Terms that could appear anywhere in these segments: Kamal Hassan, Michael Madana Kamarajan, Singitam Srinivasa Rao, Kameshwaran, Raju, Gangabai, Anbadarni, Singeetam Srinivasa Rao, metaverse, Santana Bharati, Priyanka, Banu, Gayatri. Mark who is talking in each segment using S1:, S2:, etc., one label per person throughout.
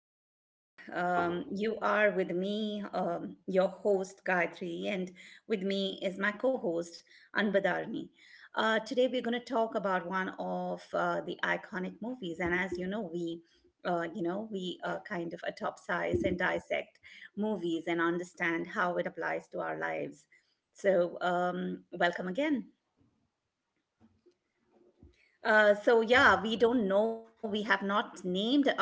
S1: welcome back. You are with me, your host Gayatri, and with me is my co host Anbadarni. Today we're going to talk about one of the iconic movies, and as you know, we kind of atopsize and dissect movies and understand how it applies to our lives. So, welcome again. So yeah, we don't know. We have not named our,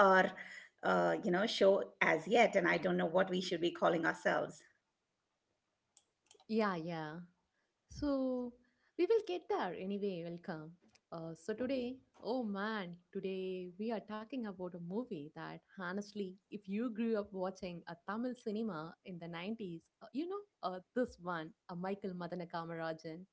S1: show as yet, and I don't know what we should be calling ourselves.
S2: Yeah, yeah. So we will get there anyway. Welcome. So today, oh man, today we are talking about a movie that honestly, if you grew up watching a Tamil cinema in the 90s, this one, a Michael Madana Kamarajan.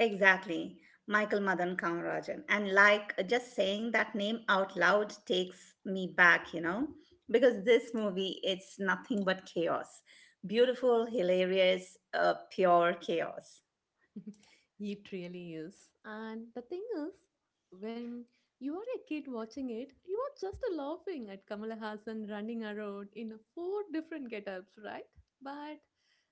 S1: Exactly, Michael Madan Kamarajan. And like just saying that name out loud takes me back, you know, because this movie it's nothing but chaos, beautiful, hilarious, pure chaos.
S2: It really is. And the thing is, when you are a kid watching it, you are just laughing at Kamala Hassan running around in four different get-ups, right? But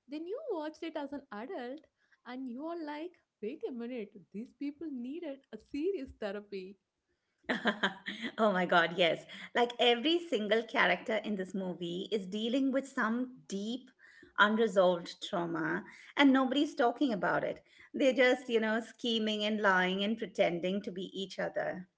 S2: then you watched it as an adult and you are like, wait a minute, these people needed a serious therapy.
S1: Oh my god, yes. Like every single character in this movie is dealing with some deep unresolved trauma and nobody's talking about it. They're just, you know, scheming and lying and pretending to be each other.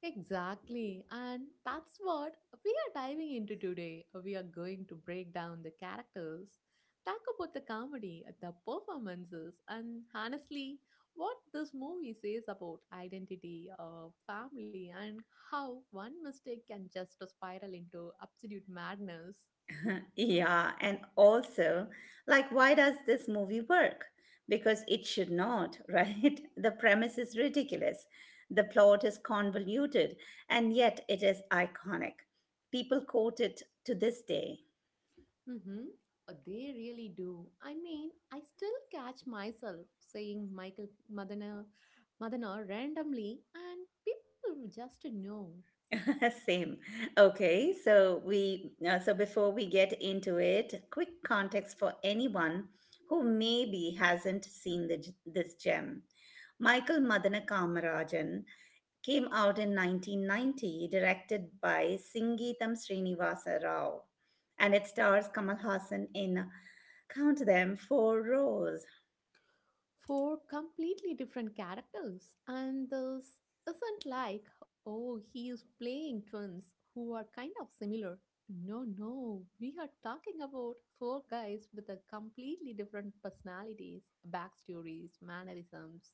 S2: Exactly, and that's what we are diving into today. We are going to break down the characters, talk about the comedy, the performances, and honestly, what this movie says about identity, family, and how one mistake can just spiral into absolute madness.
S1: Yeah, and also, like why does this movie work? Because it should not, right? The premise is ridiculous. The plot is convoluted and yet it is iconic. People quote it to this day.
S2: Mm-hmm. They really do. I mean, I still catch myself saying Michael Madana, Madana randomly, and people just know.
S1: Same. Okay, so before we get into it, quick context for anyone who maybe hasn't seen this gem. Michael Madana Kamarajan came out in 1990, directed by Singeetam Srinivasa Rao, and it stars Kamal Hassan in count them four rows
S2: Four completely different characters, and this isn't like, oh, he is playing twins who are kind of similar. No, no, we are talking about four guys with a completely different personalities, backstories, mannerisms.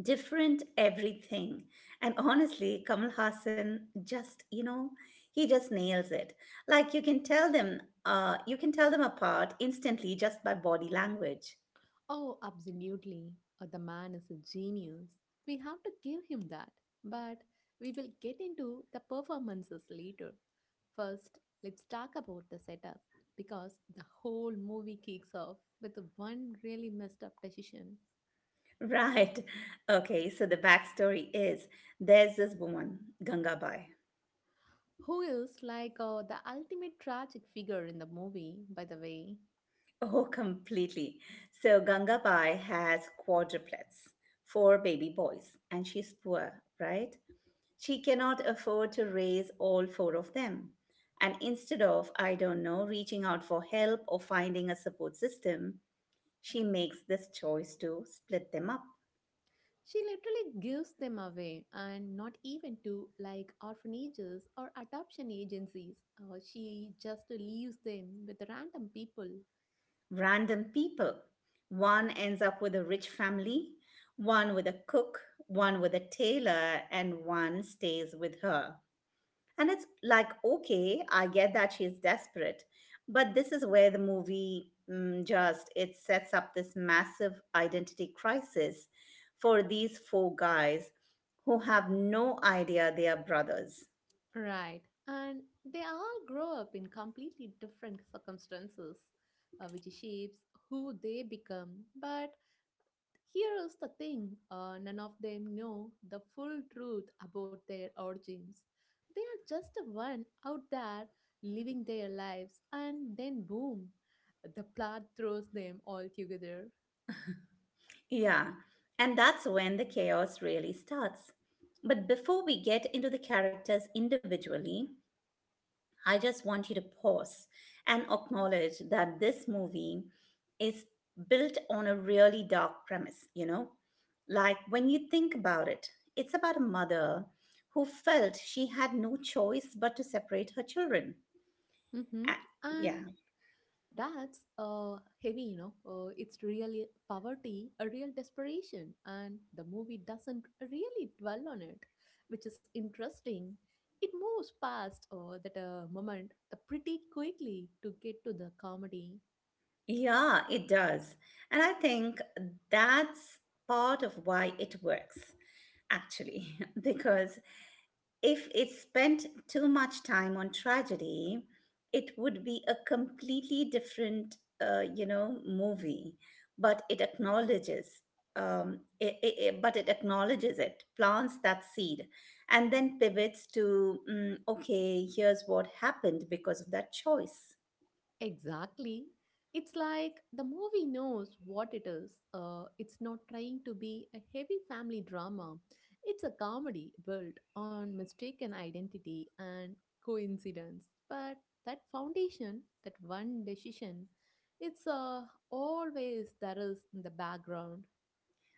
S1: different everything. And honestly, Kamal Hassan just, you know, he just nails it. Like you can tell them apart instantly just by body language.
S2: Oh, absolutely. The man is a genius. We have to give him that. But we will get into the performances later. First, let's talk about the setup because the whole movie kicks off with one really messed up decision.
S1: Right. Okay, so the backstory is there's this woman, Gangabai.
S2: Who is like the ultimate tragic figure in the movie, by the way?
S1: Oh, completely. So Gangabai has quadruplets, four baby boys, and she's poor, right? She cannot afford to raise all four of them. And instead of, I don't know, reaching out for help or finding a support system, she makes this choice to split them up.
S2: She literally gives them away, and not even to like orphanages or adoption agencies. She just leaves them with random people.
S1: Random people. One ends up with a rich family, one with a cook, one with a tailor, and one stays with her. And it's like, okay, I get that she's desperate, but this is where the movie mm, just it sets up this massive identity crisis for these four guys who have no idea they are brothers.
S2: Right. And they all grow up in completely different circumstances, which shapes who they become. But here is the thing, none of them know the full truth about their origins. They are just a one out there living their lives, and then boom, the plot throws them all together.
S1: Yeah, and that's when the chaos really starts. But before we get into the characters individually, I just want you to pause and acknowledge that this movie is built on a really dark premise, you know? Like when you think about it, it's about a mother who felt she had no choice but to separate her children.
S2: Mhm.
S1: A- Yeah,
S2: And that's heavy, you know. It's really poverty, a real desperation, and the movie doesn't really dwell on it, which is interesting. It moves past that moment pretty quickly to get to the comedy.
S1: yeah, it does. And I think that's part of why it works, actually, because if it spent too much time on tragedy, it would be a completely different, movie. But it acknowledges, it acknowledges it, plants that seed, and then pivots to, okay, here's what happened because of that choice.
S2: Exactly. It's like the movie knows what it is. It's not trying to be a heavy family drama. It's a comedy built on mistaken identity and coincidence. But that foundation, that one decision, it's always that is in the background.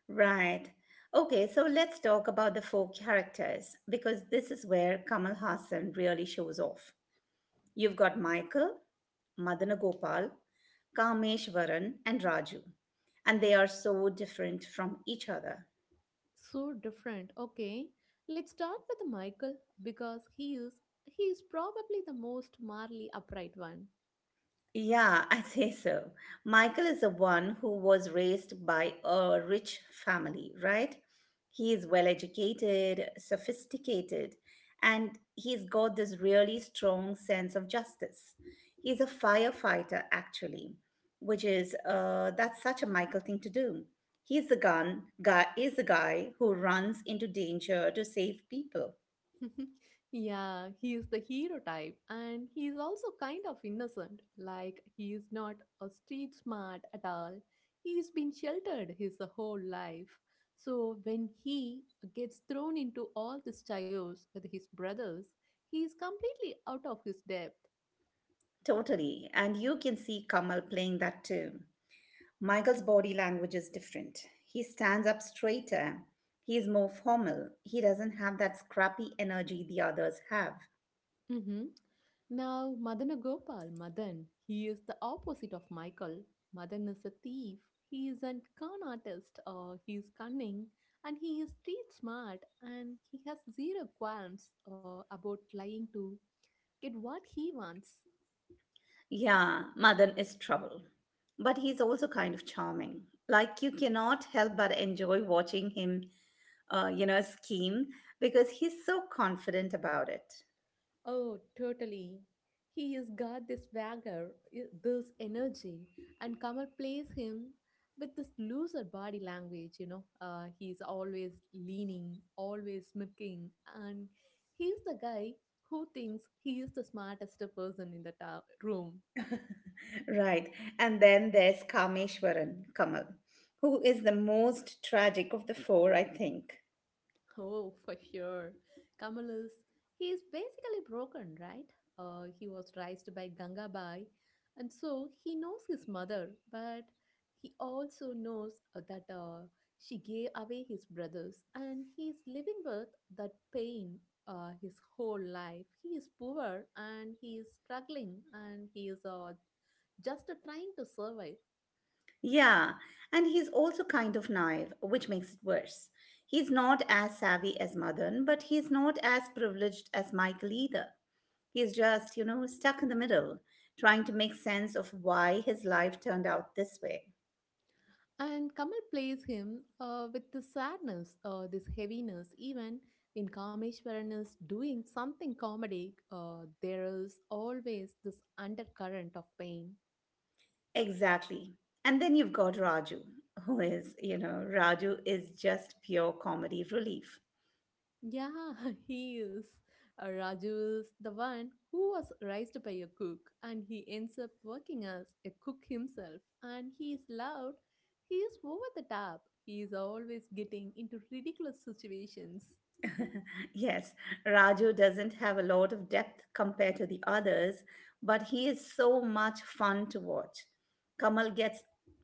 S1: Right. Okay, so let's talk about the four characters because this is where Kamal Hassan really shows off. You've got Michael, Madana Gopal, Kameshwaran and Raju. And they are so different from each other.
S2: So different. Okay, let's start with Michael because he is probably the most morally upright one.
S1: Yeah, I say so. Michael is the one who was raised by a rich family, right? He is well educated, sophisticated, and he's got this really strong sense of justice. He's a firefighter, actually, which is that's such a Michael thing to do. He's the gun guy is the guy who runs into danger to save people.
S2: Yeah, he is the hero type, and he is also kind of innocent. Like, he is not a street smart at all. He's been sheltered his whole life. So, when he gets thrown into all this chaos with his brothers, he is completely out of his depth.
S1: Totally. And you can see Kamal playing that too. Michael's body language is different. He stands up straighter. He is more formal. He doesn't have that scrappy energy the others have.
S2: Mm-hmm. Now, Madan Gopal, Madan, he is the opposite of Michael. Madan is a thief. He is a con artist. He is cunning, and he is street smart, and he has zero qualms about lying to get what he wants.
S1: Yeah, Madan is trouble. But he's also kind of charming. Like you cannot help but enjoy watching him, scheme because he's so confident about it.
S2: Oh, totally. He has got this swagger, this energy, and Kamal plays him with this looser body language, you know. He's always leaning, always smirking, and he's the guy who thinks he is the smartest person in the room.
S1: Right. And then there's Kameshwaran, Kamal, who is the most tragic of the four, I think.
S2: Oh, for sure. Kamal is, he is basically broken, right? He was raised by Gangabai, and so he knows his mother, but he also knows that she gave away his brothers, and he is living with that pain his whole life. He is poor, and he is struggling, and he is just trying to survive.
S1: Yeah, and he's also kind of naive, which makes it worse. He's not as savvy as Madan, but he's not as privileged as Michael either. He's just, you know, stuck in the middle, trying to make sense of why his life turned out this way.
S2: And Kamal plays him with this sadness, this heaviness, even when Kameshwaran is doing something comedic, there is always this undercurrent of pain.
S1: Exactly. And then you've got Raju, who is, you know, Raju is just pure comedy relief.
S2: Yeah, he is. Raju is the one who was raised by a cook, and he ends up working as a cook himself. And he is loud, he is over the top, he is always getting into ridiculous situations.
S1: Yes, Raju doesn't have a lot of depth compared to the others, but he is so much fun to watch. Kamal gets,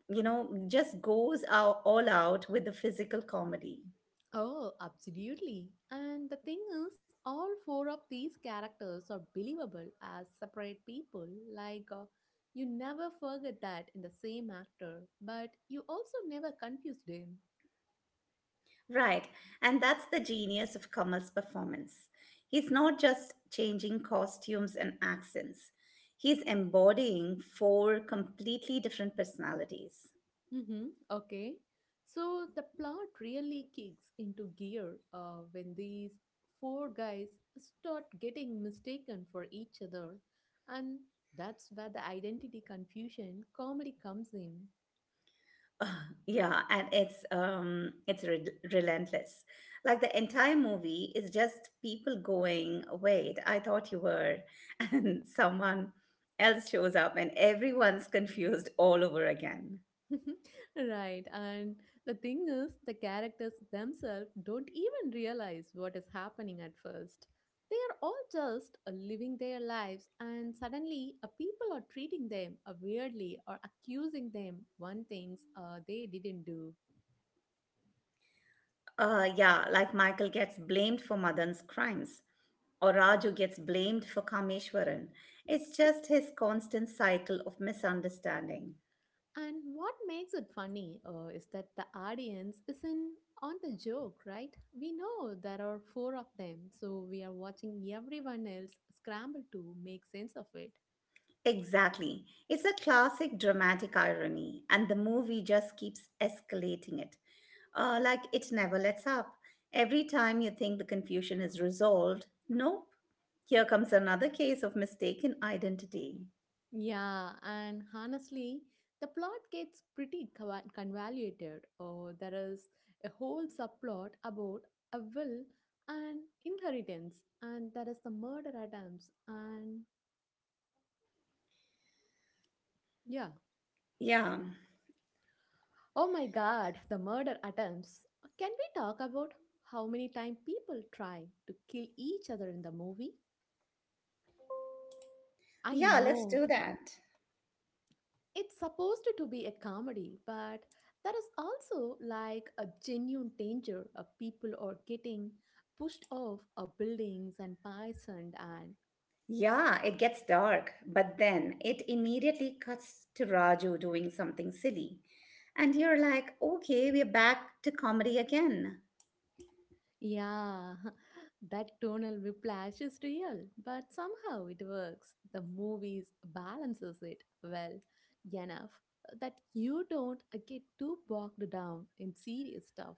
S1: you know, just goes out, all out with the physical comedy.
S2: Oh, absolutely. And the thing is, all four of these characters are believable as separate people. Like, uh, you never forget that in the same actor, but you also never confused him.
S1: Right, and that's the genius of Kamal's performance. He's not just changing costumes and accents, he's embodying four completely different personalities.
S2: Mm-hmm. Okay. So the plot really kicks into gear when these four guys start getting mistaken for each other. And that's where the identity confusion comedy comes in.
S1: Yeah, and it's re relentless. Like the entire movie is just people going, "Wait, I thought you were," and someone else shows up and everyone's confused all over again.
S2: Right, and the thing is, the characters themselves don't even realize what is happening at first. They are all just living their lives, and suddenly, people are treating them weirdly, or accusing them one things they didn't do.
S1: Yeah, like Michael gets blamed for Madan's crimes, or Raju gets blamed for Kameshwaran. It's just his constant cycle of misunderstanding.
S2: And what makes it funny is that the audience isn't on the joke, right? We know there are four of them, so we are watching everyone else scramble to make sense of it.
S1: Exactly. It's a classic dramatic irony, and the movie just keeps escalating it. Like it never lets up. Every time you think the confusion is resolved, nope. Here comes another case of mistaken identity.
S2: Yeah, and honestly, the plot gets pretty convoluted. Oh, there is a whole subplot about a will and inheritance, and there is the murder attempts, and yeah.
S1: Yeah.
S2: Oh my god, the murder attempts. Can we talk about how many times people try to kill each other in the movie? I
S1: Yeah, let's do
S2: know.
S1: that.
S2: It's supposed to be a comedy, but there is also like a genuine danger of people are getting pushed off of buildings and poisoned and
S1: Yeah, it gets dark, but then it immediately cuts to Raju doing something silly. And you're like, okay, we're back to comedy again.
S2: yeah, that tonal whiplash is real, but somehow it works. The movies balances it well enough that you don't get too bogged down in serious stuff.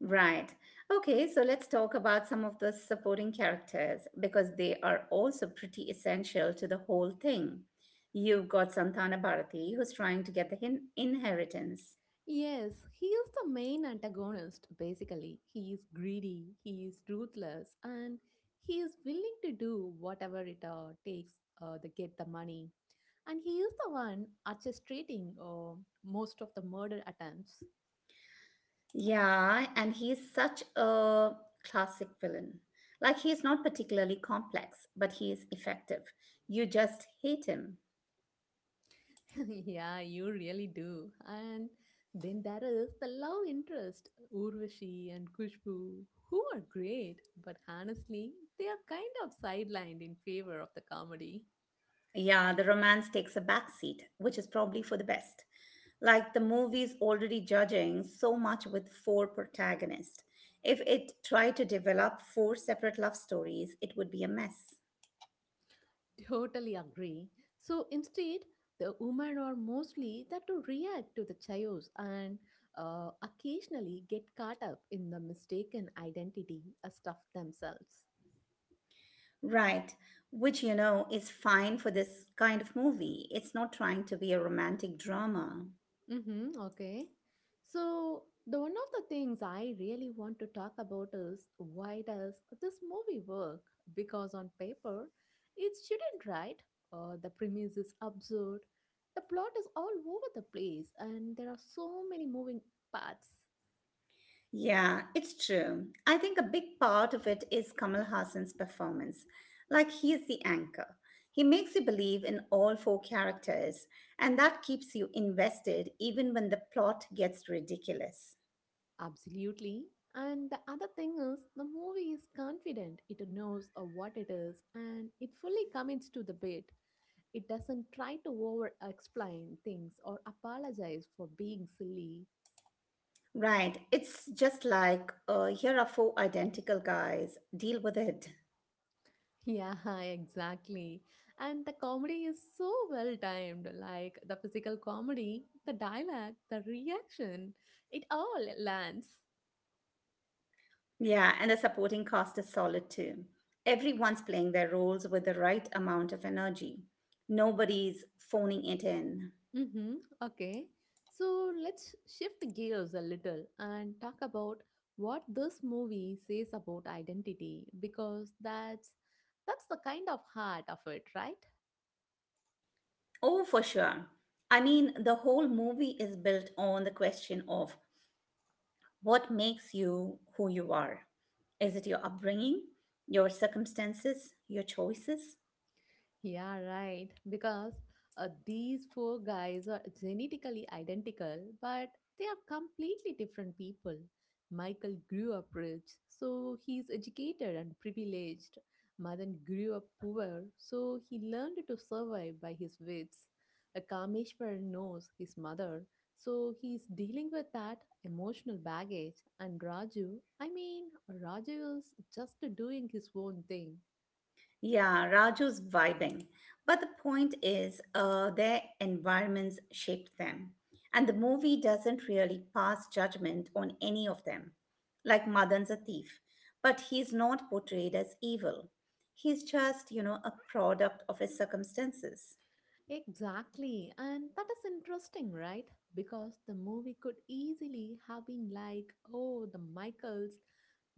S1: Right. Okay, so let's talk about some of the supporting characters because they are also pretty essential to the whole thing. You've got Santana Bharati who's trying to get the inheritance.
S2: Yes, he is the main antagonist, basically. He is greedy, he is ruthless, and he is willing to do whatever it takes to get the money. And he is the one orchestrating most of the murder attempts.
S1: Yeah, and he's such a classic villain. Like he's not particularly complex, but he is effective. You just hate him.
S2: Yeah, you really do. And then there is the love interest, Urvashi and Kushbu, who are great, but honestly, they are kind of sidelined in favor of the comedy.
S1: Yeah, the romance takes a backseat, which is probably for the best. Like the movie's already judging so much with four protagonists. If it tried to develop four separate love stories, it would be a mess.
S2: Totally agree. So instead, the women are mostly that to react to the chaos, and occasionally get caught up in the mistaken identity stuff themselves.
S1: Right, which you know is fine for this kind of movie. It's not trying to be a romantic drama.
S2: Mm-hmm, okay. So the one of the things I really want to talk about is, why does this movie work? Because on paper, it shouldn't, right? The premise is absurd. The plot is all over the place, and there are so many moving parts.
S1: Yeah, it's true. I think a big part of it is Kamal Hassan's performance. Like he is the anchor. He makes you believe in all four characters, and that keeps you invested even when the plot gets ridiculous.
S2: Absolutely. And the other thing is, the movie is confident. It knows of what it is, and it fully commits to the bit. It doesn't try to over explain things or apologize for being silly.
S1: Right. It's just like here are four identical guys. Deal with it.
S2: Yeah, exactly. And the comedy is so well timed, like the physical comedy, the dialogue, the reaction. It all lands.
S1: Yeah, and the supporting cast is solid too. Everyone's playing their roles with the right amount of energy. Nobody's phoning it in.
S2: Mm-hmm. Okay. So let's shift gears a little and talk about what this movie says about identity, because that's the kind of heart of it, right?
S1: Oh, for sure. I mean, the whole movie is built on the question of what makes you who you are. Is it your upbringing, your circumstances, your choices?
S2: Yeah, right. Because these four guys are genetically identical, but they are completely different people. Michael grew up rich, so he's educated and privileged. Madan grew up poor, so he learned to survive by his wits. A Kameshwar knows his mother, so he's dealing with that emotional baggage. And Raju, I mean, Raju is just doing his own thing.
S1: Yeah, Raju's vibing. But the point is, their environments shaped them. And the movie doesn't really pass judgment on any of them. Like Madan's a thief, but he's not portrayed as evil. He's just, you know, a product of his circumstances.
S2: Exactly, and that is interesting, right? Because the movie could easily have been like, oh, the Michaels,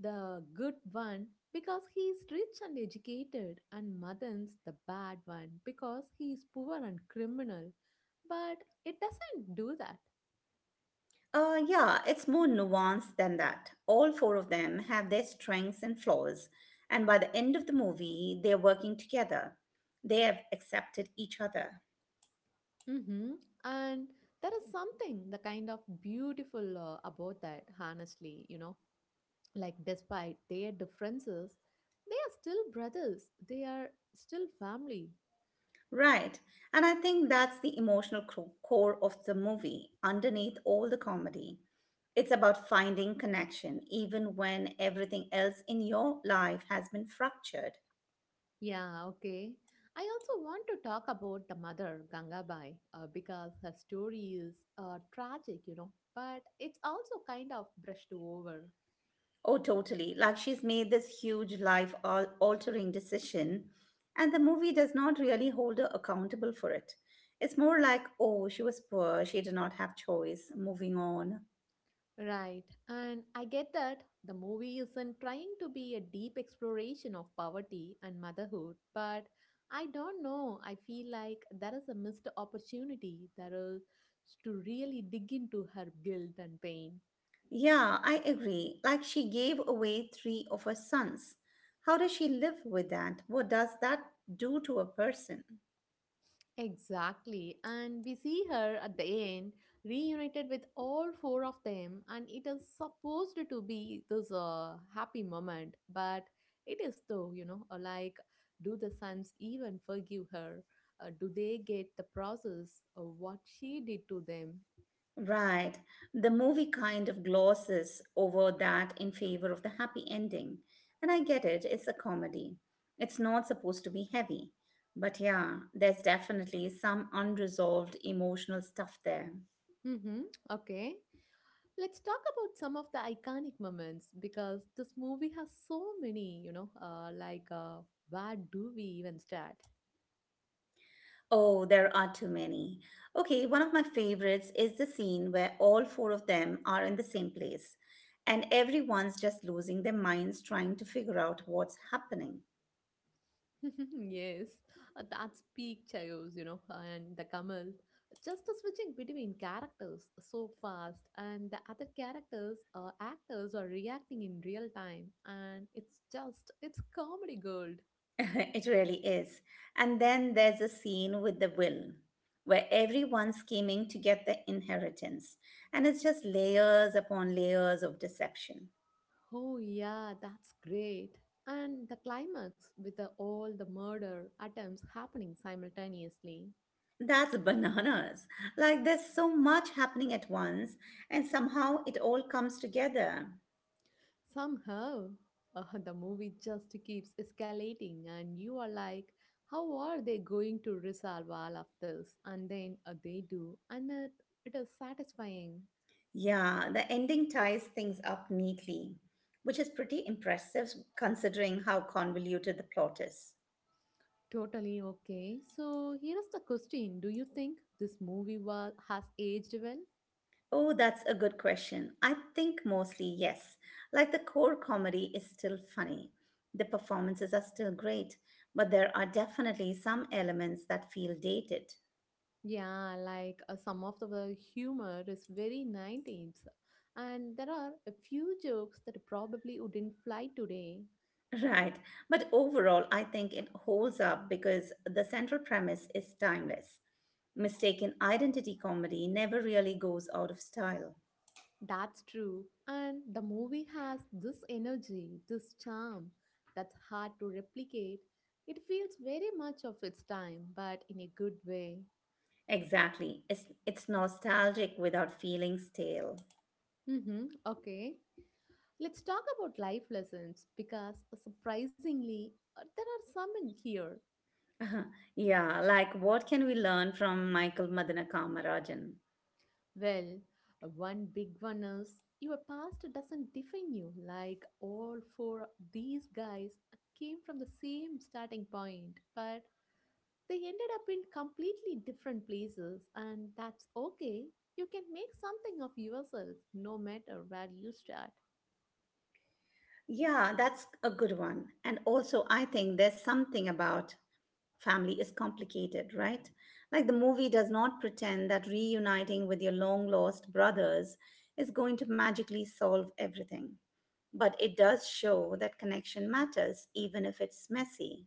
S2: the good one, because he is rich and educated, and Madan's the bad one, because he is poor and criminal. But it doesn't do that.
S1: Yeah, it's more nuanced than that. All four of them have their strengths and flaws, and by the end of the movie, they're working together. They have accepted each other.
S2: Hmm. And there is something, the kind of beautiful about that, honestly, you know. Like despite their differences, they are still brothers, they are still family.
S1: Right. And I think that's the emotional core of the movie, underneath all the comedy. It's about finding connection, even when everything else in your life has been fractured.
S2: Yeah, okay, I also want to talk about the mother Gangabai because her story is tragic, you know, but it's also kind of brushed over.
S1: Oh, totally. Like she's made this huge altering decision, and the movie does not really hold her accountable for it. It's more like, oh, she was poor, she did not have choice, moving on.
S2: Right, and I get that the movie isn't trying to be a deep exploration of poverty and motherhood, but I don't know. I feel like there is a missed opportunity there is to really dig into her guilt and pain.
S1: Yeah, I agree. Like she gave away three of her sons. How does she live with that? What does that do to a person?
S2: Exactly, and we see her at the end reunited with all four of them, and it is supposed to be this happy moment, but it is though, you know, like, do the sons even forgive her? Do they get the process of what she did to them?
S1: Right. The movie kind of glosses over that in favor of the happy ending. And I get it, it's a comedy. It's not supposed to be heavy. But yeah, there's definitely some unresolved emotional stuff there.
S2: Mm-hmm. Okay, let's talk about some of the iconic moments because this movie has so many, you know, where do we even start?
S1: Oh, there are too many. Okay, one of my favorites is the scene where all four of them are in the same place and everyone's just losing their minds trying to figure out what's happening.
S2: Yes, that's peak Chayos, you know, and the Kamal. Just the switching between characters so fast, and the other characters, actors are reacting in real time, and it's just, it's comedy gold.
S1: It really is. And then there's a scene with the will where everyone's scheming to get the inheritance and it's just layers upon layers of deception.
S2: Oh, yeah, that's great. And the climax with the, all the murder attempts happening simultaneously.
S1: That's bananas. Like there's so much happening at once and somehow it all comes together.
S2: Somehow, the movie just keeps escalating, and you are like, how are they going to resolve all of this? And then they do, and it is satisfying.
S1: Yeah, the ending ties things up neatly, which is pretty impressive considering how convoluted the plot is.
S2: Totally okay. So, here is the question. Do you think this movie has aged well?
S1: Oh, that's a good question. I think mostly yes. Like the core comedy is still funny. The performances are still great, but there are definitely some elements that feel dated.
S2: Yeah, like some of the humor is very 90s, and there are a few jokes that probably wouldn't fly today.
S1: Right. But overall, I think it holds up because the central premise is timeless. Mistaken identity comedy never really goes out of style.
S2: That's true. And the movie has this energy, this charm that's hard to replicate. It feels very much of its time, but in a good way.
S1: Exactly. It's nostalgic without feeling stale.
S2: Mm-hmm. Okay. Let's talk about life lessons because surprisingly, there are some in here.
S1: Yeah, like what can we learn from Michael Madanakamararajan?
S2: Well, one big one is your past doesn't define you. Like all four of these guys came from the same starting point, but they ended up in completely different places, and that's okay. You can make something of yourself no matter where you start.
S1: Yeah, that's a good one. And also I think there's something about family is complicated, right? Like the movie does not pretend that reuniting with your long lost brothers is going to magically solve everything. But it does show that connection matters even if it's messy.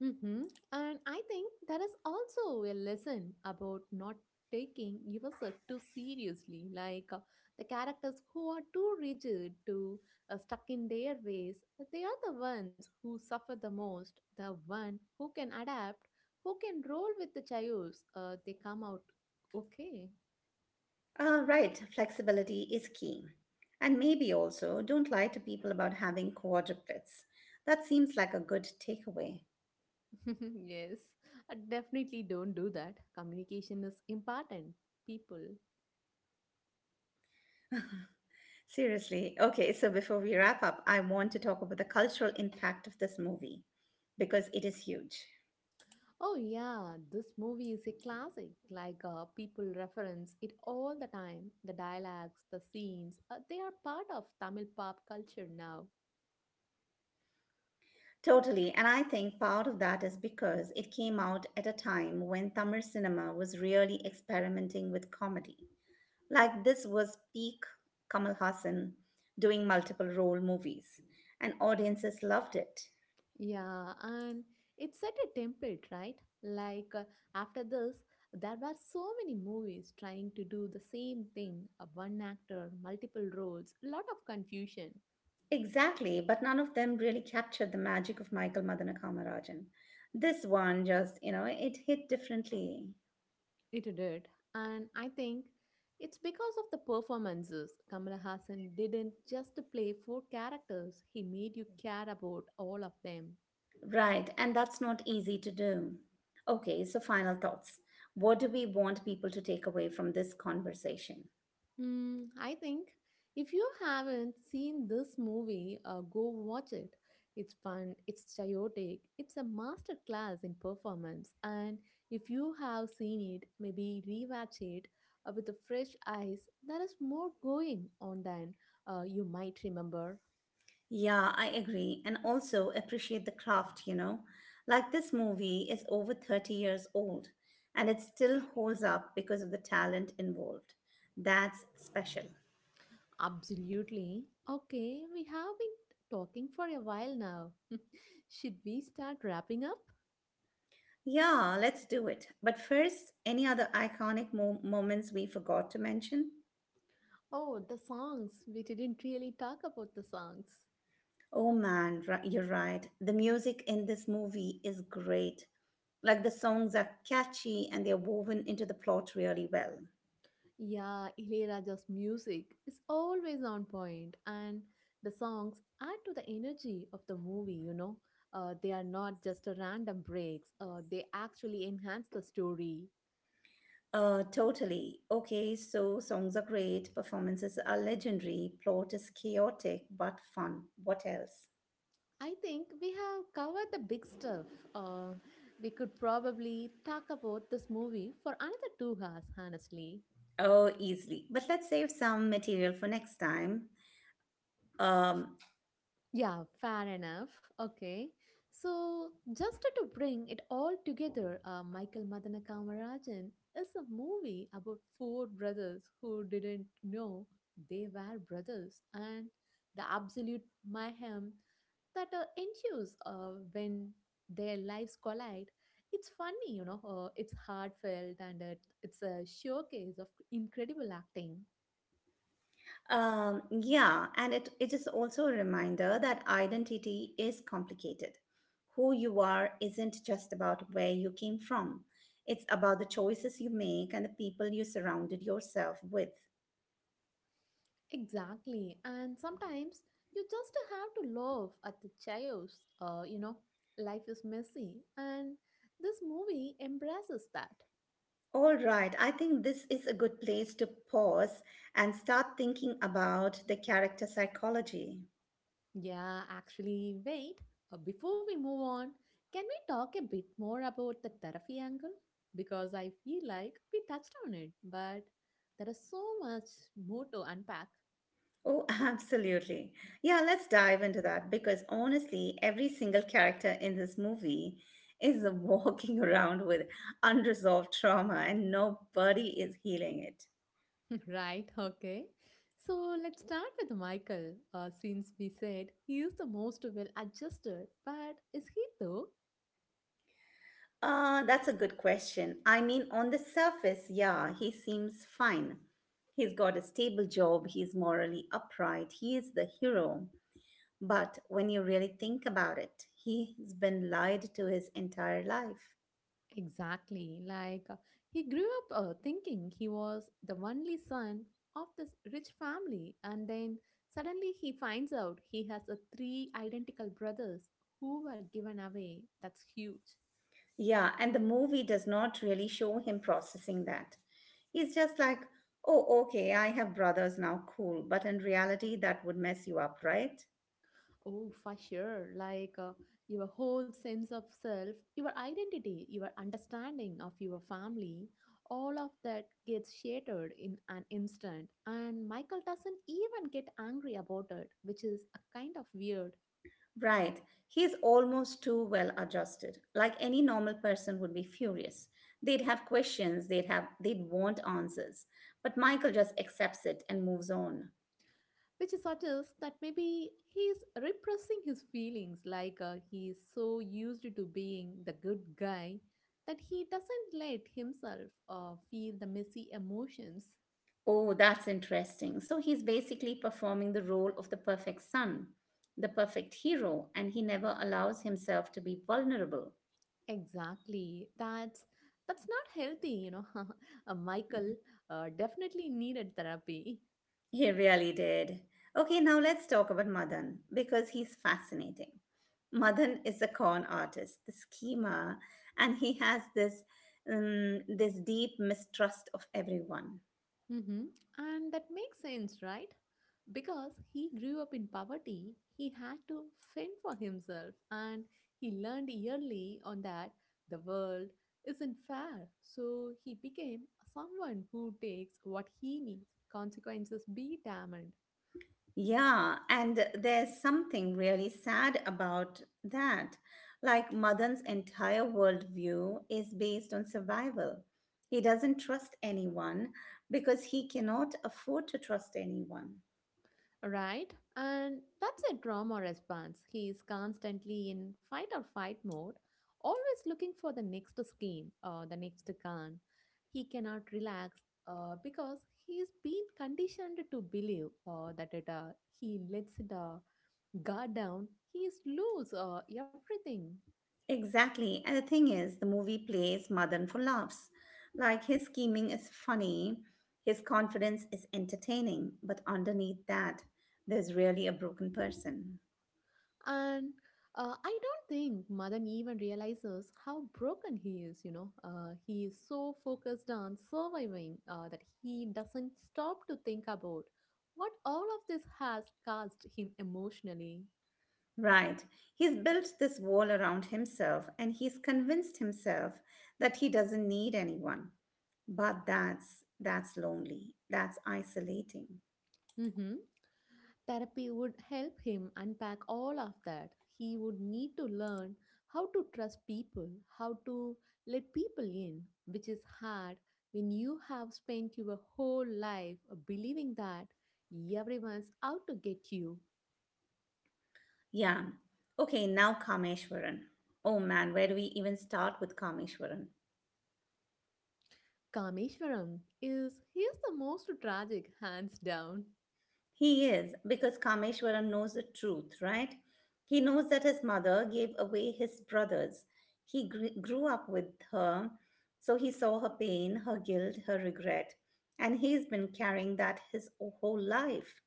S2: hmm And I think that is also a lesson about not taking yourself too seriously. Like the characters who are too rigid, too stuck in their ways, they are the ones who suffer the most, the one who can adapt, who can roll with the chaos. They come out okay.
S1: Ah, right, flexibility is key. And maybe also don't lie to people about having quadruplets. That seems like a good takeaway.
S2: Yes, I definitely don't do that. Communication is important. People.
S1: Seriously, okay, so before we wrap up, I want to talk about the cultural impact of this movie because it is huge.
S2: Oh, yeah, this movie is a classic. Like, people reference it all the time. The dialogues, the scenes, they are part of Tamil pop culture now.
S1: Totally, and I think part of that is because it came out at a time when Tamil cinema was really experimenting with comedy. Like this was peak Kamal Hassan doing multiple role movies and audiences loved it.
S2: Yeah, and it set a template, right? Like, after this, there were so many movies trying to do the same thing one actor, multiple roles, lot of confusion.
S1: Exactly, but none of them really captured the magic of Michael Madana Kamarajan. This one just, it hit differently.
S2: It did. And I think it's because of the performances. Kamal Hassan didn't just play four characters, he made you care about all of them.
S1: Right, and that's not easy to do. Okay, so final thoughts. What do we want people to take away from this conversation?
S2: I think if you haven't seen this movie, go watch it. It's fun, it's chaotic, it's a masterclass in performance. And if you have seen it, maybe rewatch it with a fresh eyes. There is more going on than you might remember.
S1: Yeah, I agree. And also appreciate the craft. Like this movie is over 30 years old and it still holds up because of the talent involved. That's special.
S2: Absolutely. Okay, we have been talking for a while now. Should we start wrapping up?
S1: Yeah, let's do it. But first, any other iconic moments we forgot to mention?
S2: Oh, the songs. We didn't really talk about the songs.
S1: Oh man, you're right. The music in this movie is great. Like the songs are catchy and they're woven into the plot really well.
S2: Yeah, Ilayaraja's music is always on point, and the songs add to the energy of the movie. They are not just a random breaks, they actually enhance the story.
S1: Totally. Okay, so songs are great, performances are legendary, plot is chaotic but fun. What else?
S2: I think we have covered the big stuff. Uh, we could probably talk about this movie for another 2 hours, honestly.
S1: Oh, easily. But let's save some material for next time. Um,
S2: Yeah, fair enough. Okay. So, just to bring it all together, Michael Madana Kamarajan is a movie about four brothers who didn't know they were brothers and the absolute mayhem that ensues when their lives collide. It's funny, it's heartfelt and it's a showcase of incredible acting.
S1: Yeah, and it is also a reminder that identity is complicated. Who you are isn't just about where you came from, it's about the choices you make and the people you surrounded yourself with.
S2: Exactly. And sometimes you just have to laugh at the chaos. Life is messy. And this movie embraces that.
S1: All right, I think this is a good place to pause and start thinking about the character psychology.
S2: Yeah, actually, wait. Before we move on, can we talk a bit more about the therapy angle? Because I feel like we touched on it, but there is so much more to unpack.
S1: Oh, absolutely. Yeah, let's dive into that because honestly, every single character in this movie is walking around with unresolved trauma and nobody is healing it.
S2: Right, okay. So let's start with Michael, since we said he is the most well adjusted, but is he though?
S1: That's a good question. I mean, on the surface, yeah, he seems fine. He's got a stable job, he's morally upright, he is the hero. But when you really think about it, he's been lied to his entire life.
S2: Exactly. Like, he grew up thinking he was the only son of this rich family, and then suddenly he finds out he has three identical brothers who were given away. That's huge.
S1: Yeah, and the movie does not really show him processing that. He's just like, oh, okay, I have brothers now, cool. But in reality, that would mess you up, right?
S2: Oh, for sure. Like, your whole sense of self, your identity, your understanding of your family, all of that gets shattered in an instant. And Michael doesn't even get angry about it, which is a kind of weird.
S1: Right. He's almost too well adjusted. Like any normal person would be furious. They'd have questions, they'd want answers. But Michael just accepts it and moves on.
S2: Which suggests that maybe he is repressing his feelings, like he is so used to being the good guy that he doesn't let himself feel the messy emotions.
S1: Oh, that's interesting. So he's basically performing the role of the perfect son, the perfect hero, and he never allows himself to be vulnerable.
S2: Exactly. That's not healthy. Michael
S1: Mhm.
S2: definitely needed therapy.
S1: He really did. Okay, now let's talk about Madan because he's fascinating. Madan is a con artist, the schemer, and he has this deep mistrust of everyone.
S2: Mm-hmm. And that makes sense, right? Because he grew up in poverty, he had to fend for himself, and he learned early on that the world isn't fair. So he became someone who takes what he needs, consequences be damned.
S1: Yeah, and there's something really sad about that. Like Madan's entire worldview is based on survival. He doesn't trust anyone because he cannot afford to trust anyone.
S2: Right? And that's a trauma response. He is constantly in fight or fight mode, always looking for the next skin or the next gun. He cannot relax because he's been conditioned to believe that he lets the guard down, he is lose everything.
S1: Exactly. And the thing is, the movie plays Madan for laughs. Like his scheming is funny, his confidence is entertaining, but underneath that, there's really a broken person.
S2: And I don't think Madan even realizes how broken he is. He is so focused on surviving that he doesn't stop to think about what all of this has caused him emotionally.
S1: Right. He's built this wall around himself and he's convinced himself that he doesn't need anyone. But that's lonely. That's isolating.
S2: Hmm. Therapy would help him unpack all of that. He would need to learn how to trust people, how to let people in, which is hard when you have spent your whole life believing that everyone's out to get you.
S1: Yeah. Okay, now Kameshwaran. Oh man, where do we even start with Kameshwaran?
S2: Kameshwaram is the most tragic, hands down.
S1: He is, because Kameshwaram knows the truth, right? He knows that his mother gave away his brothers. He grew up with her, so he saw her pain, her guilt, her regret. And he's been carrying that his whole life,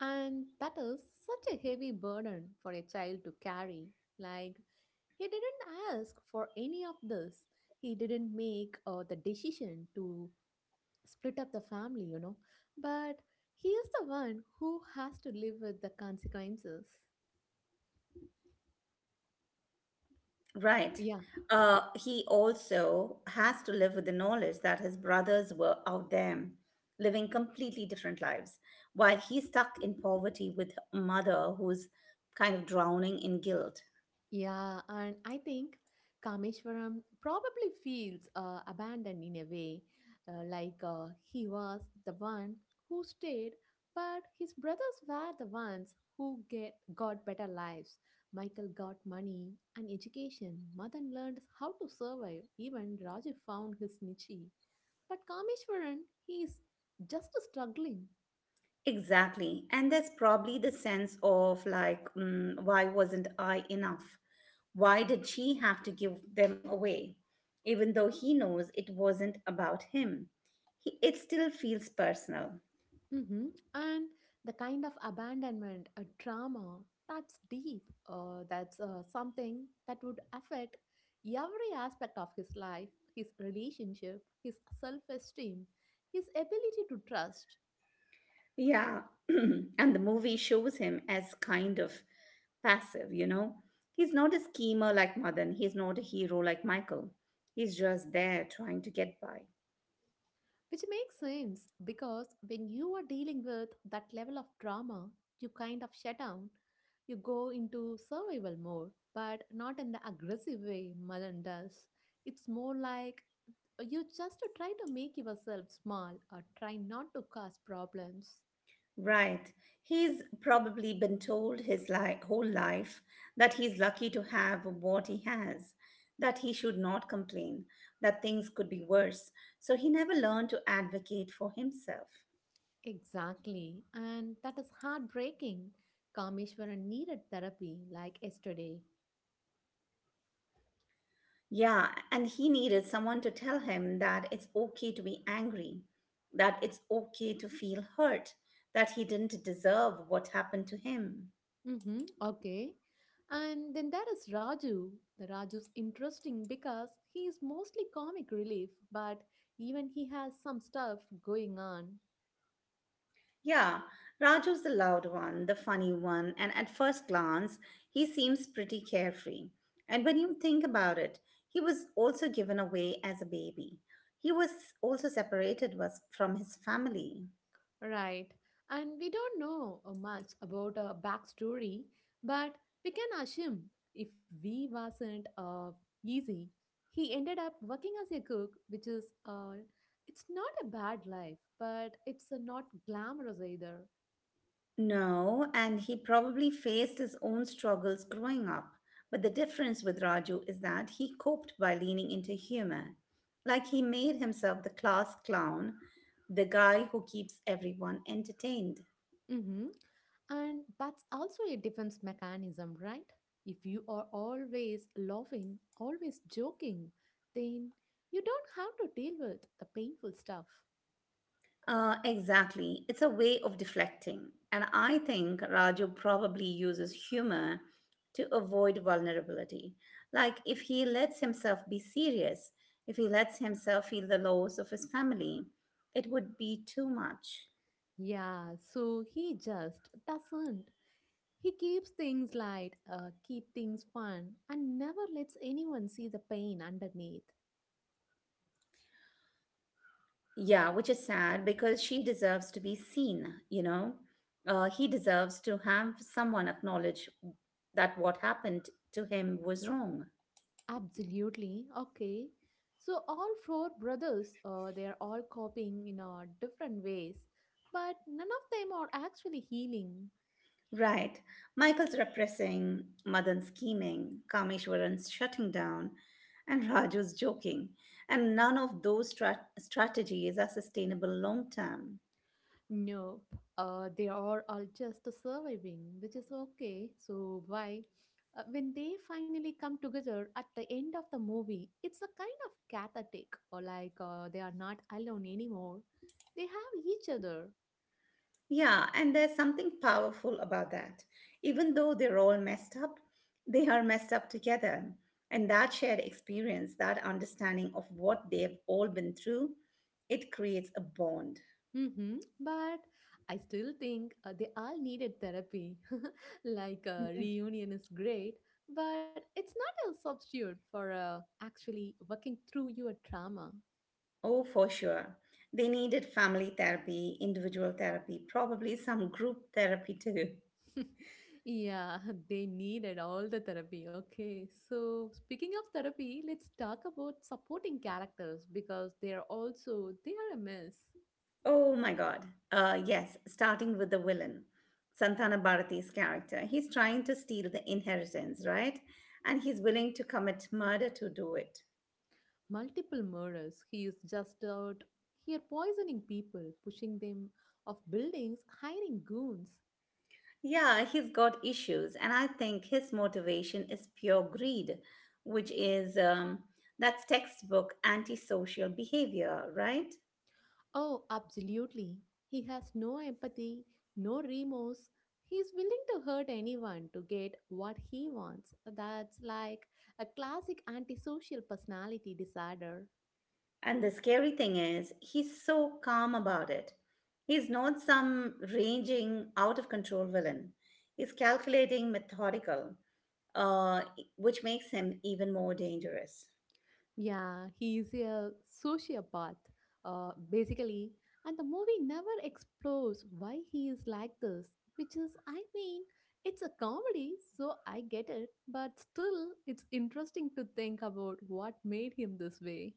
S2: And that is such a heavy burden for a child to carry. Like, he didn't ask for any of this. He didn't make the decision to split up the family. But he is the one who has to live with the consequences.
S1: right?
S2: Yeah.
S1: He also has to live with the knowledge that his brothers were out there living completely different lives, while he's stuck in poverty with a mother who's kind of drowning in guilt.
S2: Yeah, and I think Kameshwaram probably feels abandoned in a way, like he was the one who stayed, but his brothers were the ones who get got better lives. Michael got money and education. Madan learned how to survive. Even Raju found his niche. But Kameshwaran, he is just struggling.
S1: Exactly. And there's probably the sense of like, mm, why wasn't I enough? Why did she have to give them away? Even though he knows it wasn't about him, it still feels personal.
S2: hmm And the kind of abandonment, a trauma, that's deep. That's something that would affect every aspect of his life, his relationship, his self esteem, his ability to trust.
S1: Yeah. And the movie shows him as kind of passive, you know? He's not a schemer like Madan, he's not a hero like Michael. He's just there trying to get by.
S2: Which makes sense because when you are dealing with that level of drama, you kind of shut down. You go into survival mode, but not in the aggressive way Malan does. It's more like you just try to make yourself small or try not to cause problems.
S1: Right. He's probably been told his whole life that he's lucky to have what he has, that he should not complain, that things could be worse. So he never learned to advocate for himself.
S2: Exactly, and that is heartbreaking. Kameshwaran needed therapy like yesterday.
S1: Yeah, and he needed someone to tell him that it's okay to be angry, that it's okay to feel hurt, that he didn't deserve what happened to him.
S2: Mm-hmm. Okay. And then there is Raju. The Raju's interesting because he is mostly comic relief, but even he has some stuff going on.
S1: Yeah, Raju's the loud one, the funny one, and at first glance, he seems pretty carefree. And when you think about it, he was also given away as a baby. He was also separated was from his family.
S2: Right. And we don't know much about a backstory, but we can assume if V wasn't easy, he ended up working as a cook, which is it's not a bad life, but it's not glamorous either.
S1: No, and he probably faced his own struggles growing up. But the difference with Raju is that he coped by leaning into humor. Like he made himself the class clown, the guy who keeps everyone entertained.
S2: Mm-hmm. And that's also a defense mechanism, right? If you are always laughing, always joking, then you don't have to deal with the painful stuff.
S1: Exactly. It's a way of deflecting. And I think Raju probably uses humor to avoid vulnerability. Like if he lets himself be serious, if he lets himself feel the loss of his family, it would be too much.
S2: Yeah, so he just doesn't. He keeps things light, keep things fun, and never lets anyone see the pain underneath.
S1: Yeah, which is sad because she deserves to be seen, He deserves to have someone acknowledge that what happened to him was wrong.
S2: Absolutely. Okay. So all four brothers, they are all coping in different ways, but none of them are actually healing.
S1: Right. Michael's repressing, Madan scheming, Kameshwaran's shutting down, and Raju's joking. And none of those strategies are sustainable long term.
S2: Nope. They are all just surviving, which is okay. So why? When they finally come together at the end of the movie, it's a kind of cathartic, or like they are not alone anymore. They have each other.
S1: Yeah, and there's something powerful about that. Even though they're all messed up, they are messed up together. And that shared experience, that understanding of what they've all been through, it creates a bond.
S2: Mm-hmm. But I still think they all needed therapy. Like a reunion is great, but it's not a substitute for actually working through your trauma.
S1: Oh, for sure. They needed family therapy, individual therapy, probably some group therapy too.
S2: Yeah, they needed all the therapy. Okay, so speaking of therapy, let's talk about supporting characters because they are a mess.
S1: Oh my God. Yes, starting with the villain, Santana Bharati's character. He's trying to steal the inheritance, right? And he's willing to commit murder to do it.
S2: Multiple murders. He is just out here poisoning people, pushing them off buildings, hiring goons.
S1: Yeah, he's got issues, and I think his motivation is pure greed, which is that's textbook antisocial behavior, right?
S2: Oh, absolutely. He has no empathy, no remorse. He's willing to hurt anyone to get what he wants. That's like a classic antisocial personality disorder.
S1: And the scary thing is, he's so calm about it. He's not some raging, out of control villain. He's calculating, methodical, uh, which makes him even more dangerous.
S2: Yeah, he's a sociopath, basically. And the movie never explores why he is like this, which is, I mean, it's a comedy, so I get it, but still, it's interesting to think about what made him this way.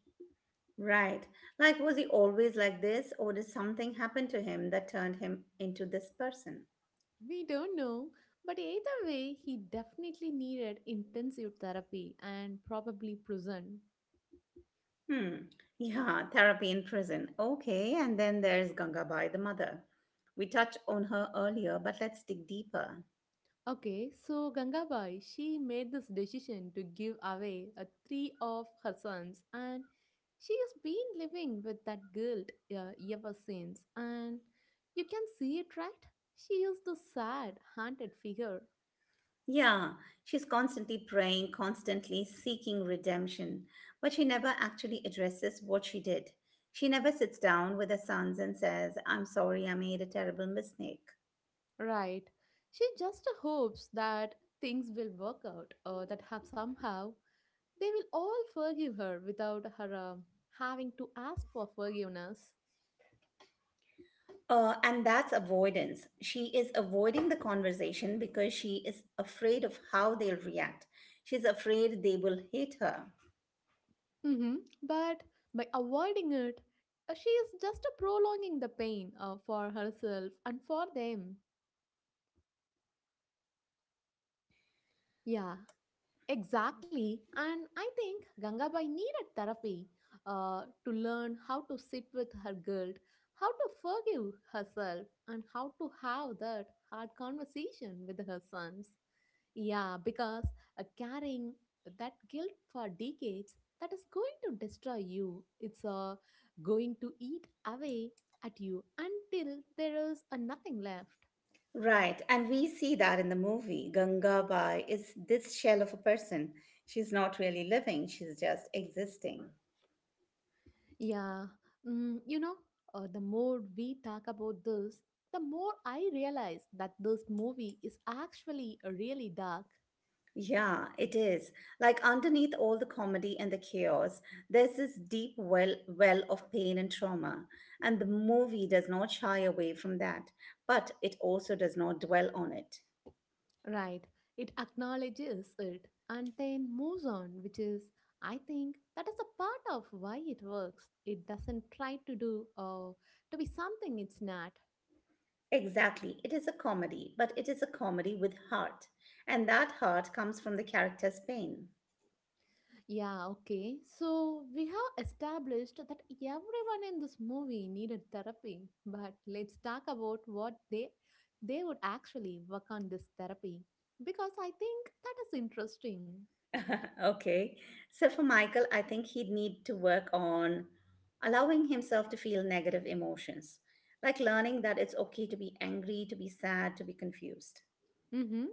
S1: Right. Like, was he always like this, or did something happen to him that turned him into this person?
S2: We don't know, but either way, he definitely needed intensive therapy and probably prison.
S1: Hmm. Yeah, therapy in prison. Okay, and then there's Gangabai, the mother. We touched on her earlier, but let's dig deeper.
S2: Okay, so Gangabai, she made this decision to give away three of her sons, and she has been living with that guilt ever since. And you can see it, right? She is the sad, haunted figure,
S1: Yeah, she's constantly praying, constantly seeking redemption, but she never actually addresses what she did. She never sits down with her sons and says, I'm sorry, I made a terrible mistake.
S2: right? She just hopes that things will work out, or that have somehow they will all forgive her without her having to ask for forgiveness.
S1: And that's avoidance. She is avoiding the conversation because she is afraid of how they'll react. She's afraid they will hate her.
S2: hmm But by avoiding it, she is just prolonging the pain for herself and for them. Yeah, exactly. And I think Gangabai needed therapy to learn how to sit with her guilt, how to forgive herself, and how to have that hard conversation with her sons. Yeah, because carrying that guilt for decades, that is going to destroy you. It's going to eat away at you until there is nothing left.
S1: Right, and we see that in the movie. Gangabai is this shell of a person. She's not really living, she's just existing.
S2: Yeah, mm, you know, the more we talk about this, the more I realize that this movie is actually really dark.
S1: Yeah, it is. Like underneath all the comedy and the chaos, there's this deep well of pain and trauma, and the movie does not shy away from that, but it also does not dwell on it.
S2: Right, it acknowledges it and then moves on, which is, I think, that is a part of why it works. It doesn't try to do to be something it's not.
S1: Exactly. It is a comedy, but it is a comedy with heart, and that heart comes from the character's pain.
S2: Yeah, okay. So we have established that everyone in this movie needed therapy, but let's talk about what they would actually work on this therapy because I think that is interesting.
S1: Okay. So for Michael, I think he'd need to work on allowing himself to feel negative emotions, like learning that it's okay to be angry, to be sad, to be confused.
S2: Mm-hmm.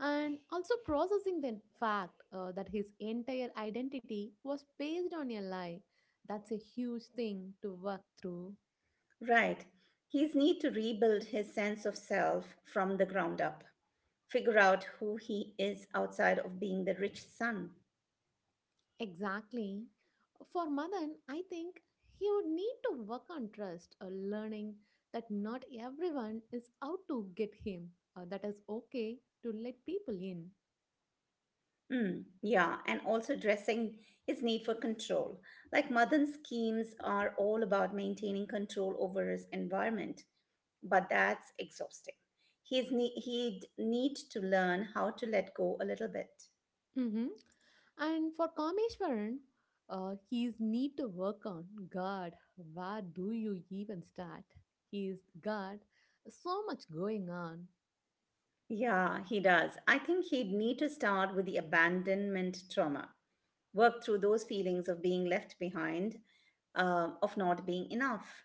S2: And also processing the fact that his entire identity was based on a lie. That's a huge thing to work through.
S1: Right. He's need to rebuild his sense of self from the ground up, figure out who he is outside of being the rich son.
S2: Exactly. For Madan, I think he would need to work on trust or learning that not everyone is out to get him, or that is okay to let people in.
S1: Mm, yeah, and also addressing his need for control. Like modern schemes are all about maintaining control over his environment but that's exhausting. He'd need to learn how to let go a little bit.
S2: Hmm And for Kameshwaran, he's need to work on God. Where do you even start? He's God. So much going on,
S1: Yeah, he does. I think he'd need to start with the abandonment trauma, work through those feelings of being left behind, of not being enough.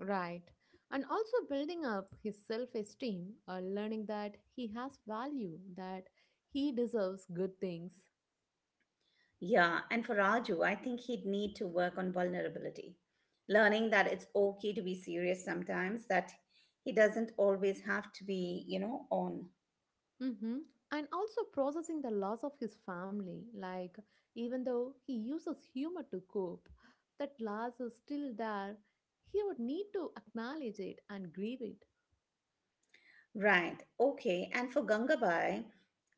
S2: right? And also building up his self-esteem, or learning that he has value, that he deserves good things.
S1: Yeah, and for Raju, I think he'd need to work on vulnerability, learning that it's okay to be serious sometimes, that he doesn't always have to be, on.
S2: Mm-hmm. And also processing the loss of his family, like even though he uses humor to cope, that loss is still there. He would need to acknowledge it and grieve it.
S1: Right. Okay. And for Gangabai,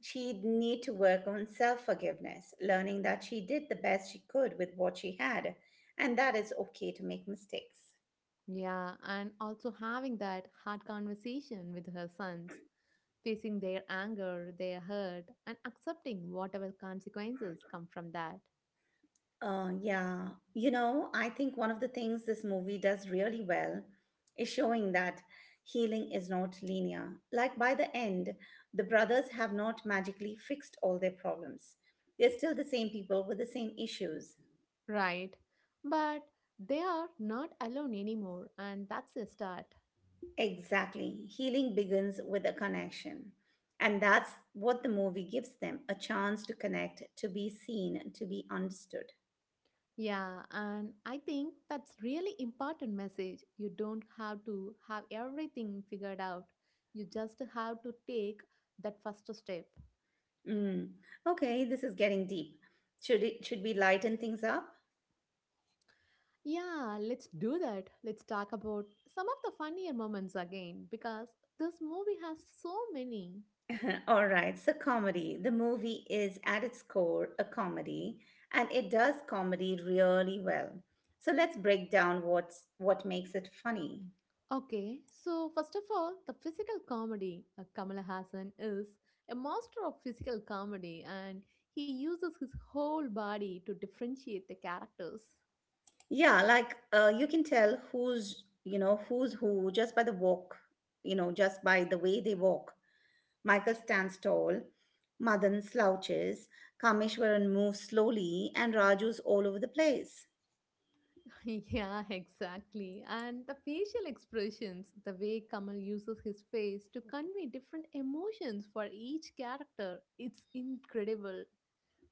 S1: she'd need to work on self forgiveness, learning that she did the best she could with what she had, and that it's okay to make mistakes.
S2: Yeah, and also having that hard conversation with her sons, facing their anger, their hurt, and accepting whatever consequences come from that.
S1: Yeah. You know, I think one of the things this movie does really well is showing that healing is not linear. Like by the end, the brothers have not magically fixed all their problems. They're still the same people with the same issues.
S2: Right. But they are not alone anymore, and that's a start.
S1: Exactly. Healing begins with a connection. And that's what the movie gives them a chance to connect, to be seen, to be understood.
S2: Yeah, and I think that's really important message. You don't have to have everything figured out. You just have to take that first step.
S1: Mm. Okay, this is getting deep. Should we lighten things up?
S2: Yeah, let's do that. Let's talk about some of the funnier moments again because this movie has so many.
S1: All right, so comedy. The movie is at its core a comedy, and it does comedy really well. So let's break down what makes it funny.
S2: Okay, so first of all, the physical comedy. Kamala Hassan is a master of physical comedy and he uses his whole body to differentiate the characters.
S1: Yeah, like you can tell who's who just by the walk, just by the way they walk. Michael stands tall, Madan slouches, Kameshwaran moves slowly, and Raju's all over the place.
S2: Yeah, exactly. And the facial expressions, the way Kamal uses his face to convey different emotions for each character, it's incredible.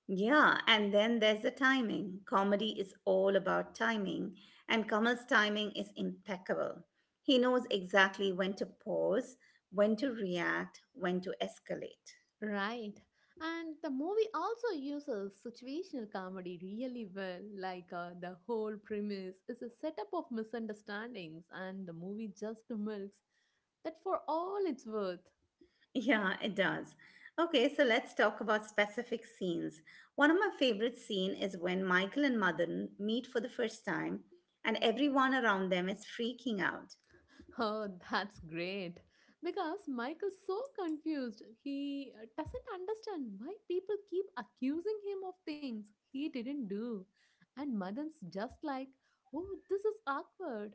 S1: Yeah, and then there's the timing. Comedy is all about timing, and Kamal's timing is impeccable. He knows exactly when to pause, when to react, when to escalate.
S2: Right. And the movie also uses situational comedy really well. Like the whole premise is a setup of misunderstandings, and the movie just milks that for all it's worth.
S1: Yeah, it does. Okay, so let's talk about specific scenes. One of my favorite scene is when Michael and Madan meet for the first time and everyone around them is freaking out.
S2: Oh, that's great. Because Michael's so confused. He doesn't understand why people keep accusing him of things he didn't do. And Madan's just like, oh, this is awkward.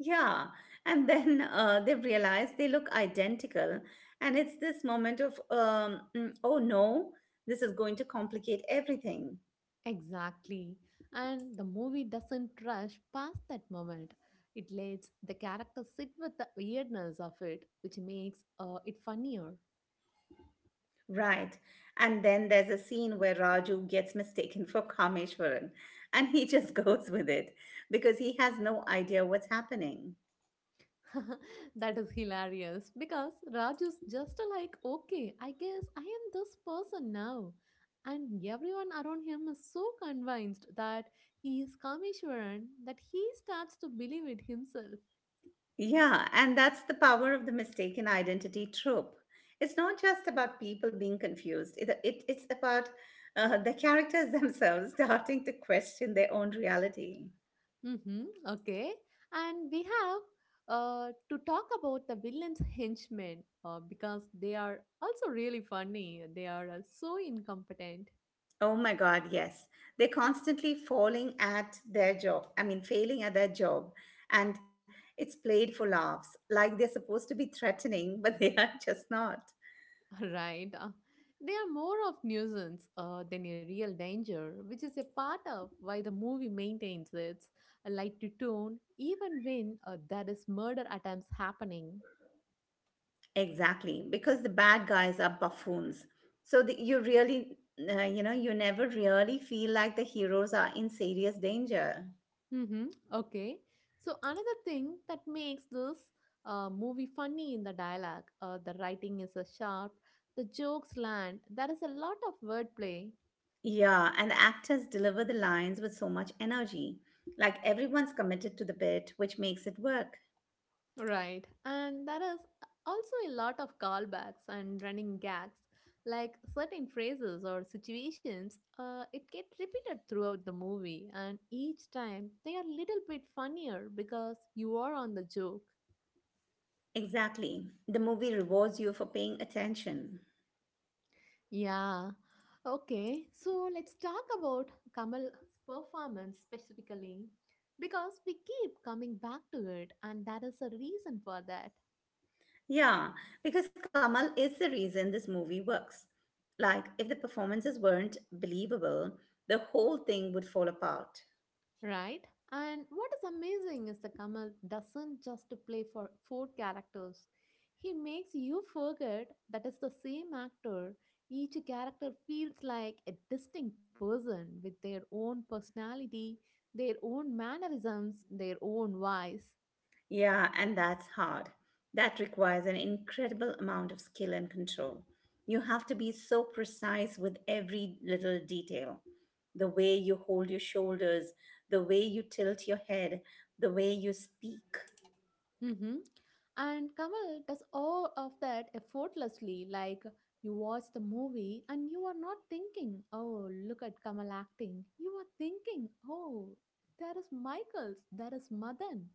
S1: Yeah, and then they realize they look identical, and it's this moment of oh no, this is going to complicate everything.
S2: Exactly. And the movie doesn't rush past that moment. It lets the character sit with the weirdness of it, which makes it funnier.
S1: Right. And then there's a scene where Raju gets mistaken for Kameshwaran and he just goes with it because he has no idea what's happening.
S2: that is hilarious because Raju's just like, okay, I guess I am this person now. And everyone around him is so convinced that he is Kameshwaran that he starts to believe it himself.
S1: Yeah, and that's the power of the mistaken identity trope. It's not just about people being confused, it's about the characters themselves starting to question their own reality.
S2: Hmm okay. And we have to talk about the villain's henchmen because they are also really funny. They are so incompetent.
S1: Oh my God, yes. They're constantly falling at their job, I mean, failing at their job. And it's played for laughs, like they're supposed to be threatening, but they are just not.
S2: Right? They are more of nuisance than a real danger, which is a part of why the movie maintains its light to tone even when there is murder attempts happening.
S1: Exactly, because the bad guys are buffoons. So the, you really, you know, you never really feel like the heroes are in serious danger.
S2: Hmm Okay. So another thing that makes this movie funny in the dialogue, the writing is sharp, the jokes land. There is a lot of wordplay.
S1: Yeah, and the actors deliver the lines with so much energy. Like everyone's committed to the bit, which makes it work.
S2: Right. And there is also a lot of callbacks and running gags, like certain phrases or situations. It get repeated throughout the movie, and each time they are a little bit funnier because you are on the joke.
S1: Exactly. The movie rewards you for paying attention.
S2: Yeah. Okay. So let's talk about Kamal's performance specifically because we keep coming back to it, and that is a reason for that.
S1: Yeah, because Kamal is the reason this movie works. Like, if the performances weren't believable, the whole thing would fall apart.
S2: Right? And what is amazing is that Kamal doesn't just play for four characters. He makes you forget that it's the same actor. Each character feels like a distinct person with their own personality, their own mannerisms, their own voice.
S1: Yeah, and that's hard. That requires an incredible amount of skill and control. You have to be so precise with every little detail. The way you hold your shoulders, the way you tilt your head, the way you speak.
S2: Mm-hmm. And Kamal does all of that effortlessly. Like you watch the movie and you are not thinking, oh, look at Kamal acting. You are thinking, oh, there is Michaels, there is Madan.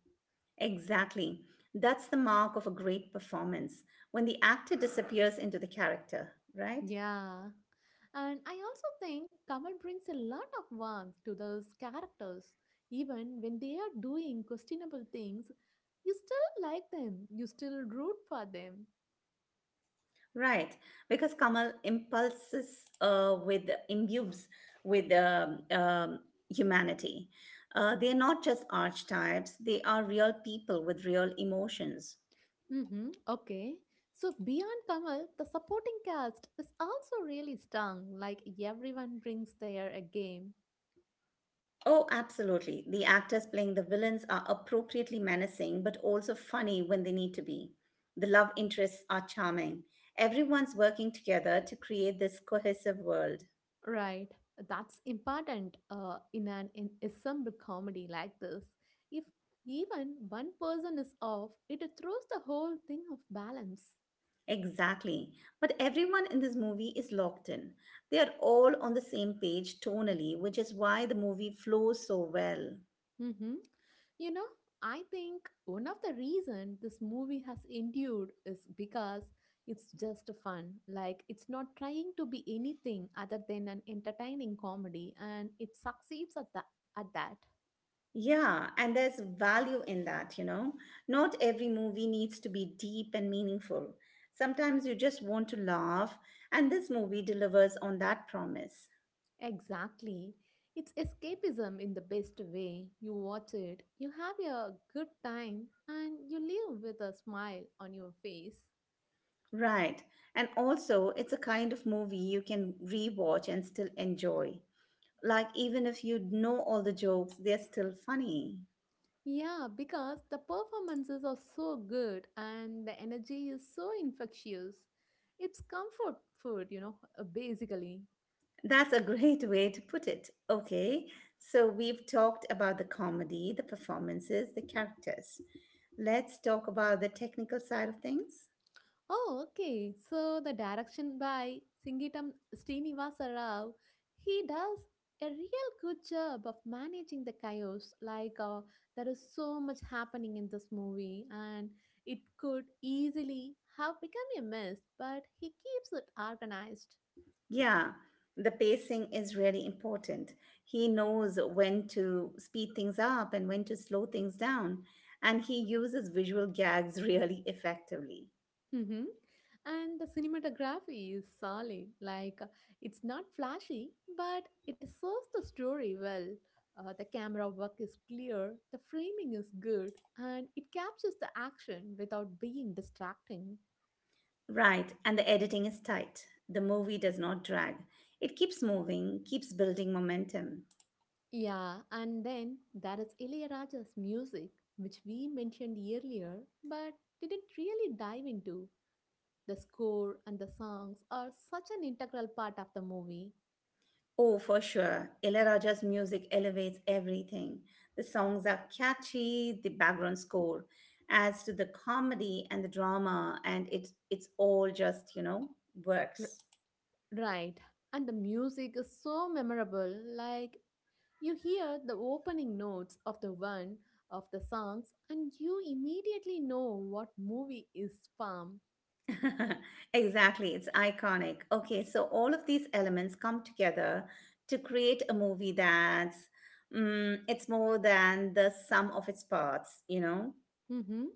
S1: Exactly. That's the mark of a great performance when the actor disappears into the character, right?
S2: Yeah. And I also think Kamal brings a lot of warmth to those characters. Even when they are doing questionable things, you still like them, you still root for them.
S1: Right, because Kamal impulses with imbues with humanity. They are not just archetypes; they are real people with real emotions.
S2: Mm-hmm. Okay. So beyond Kamal, the supporting cast is also really strong. Like everyone brings their a game,
S1: Oh, absolutely. The actors playing the villains are appropriately menacing, but also funny when they need to be. The love interests are charming. Everyone's working together to create this cohesive world.
S2: right? That's important in an in ensemble comedy like this. If even one person is off, it throws the whole thing off balance.
S1: Exactly. But everyone in this movie is locked in. They are all on the same page tonally, which is why the movie flows so well.
S2: Mm-hmm. You know, I think one of the reason this movie has endured is because it's just fun. Like, it's not trying to be anything other than an entertaining comedy, and it succeeds at that. At that.
S1: Yeah, and there's value in that, you know. Not every movie needs to be deep and meaningful. Sometimes you just want to laugh, and this movie delivers on that promise.
S2: Exactly. It's escapism in the best way. You watch it, you have a good time, and you leave with a smile on your face.
S1: Right. And also, it's a kind of movie you can rewatch and still enjoy. Like, even if you know all the jokes, they're still funny.
S2: Yeah, because the performances are so good and the energy is so infectious. It's comfort food, you know, basically.
S1: That's a great way to put it. Okay, so we've talked about the comedy, the performances, the characters. Let's talk about the technical side of things.
S2: Oh, okay. So the direction by Singitam Srinivasa Rao, he does a real good job of managing the chaos. Like there is so much happening in this movie, and it could easily have become a mess, but he keeps it organized.
S1: Yeah, the pacing is really important. He knows when to speed things up and when to slow things down, and he uses visual gags really effectively.
S2: Hmm And the cinematography is solid. Like, it's not flashy, but it serves the story well. The camera work is clear, the framing is good, and it captures the action without being distracting.
S1: Right, and the editing is tight. The movie does not drag, it keeps moving, keeps building momentum.
S2: Yeah, and then there is Ilayaraja's music, which we mentioned earlier, but didn't really dive into. The score and the songs are such an integral part of the movie.
S1: Oh, for sure. Ilaiyaraaja's music elevates everything. The songs are catchy, the background score adds to the comedy and the drama, and it's all just, you know, works.
S2: Right, and the music is so memorable. Like you hear the opening notes of the one of the songs, and you immediately know what movie is from.
S1: Exactly, it's iconic. Okay, so all of these elements come together to create a movie that's it's more than the sum of its parts, you know?
S2: Mhm.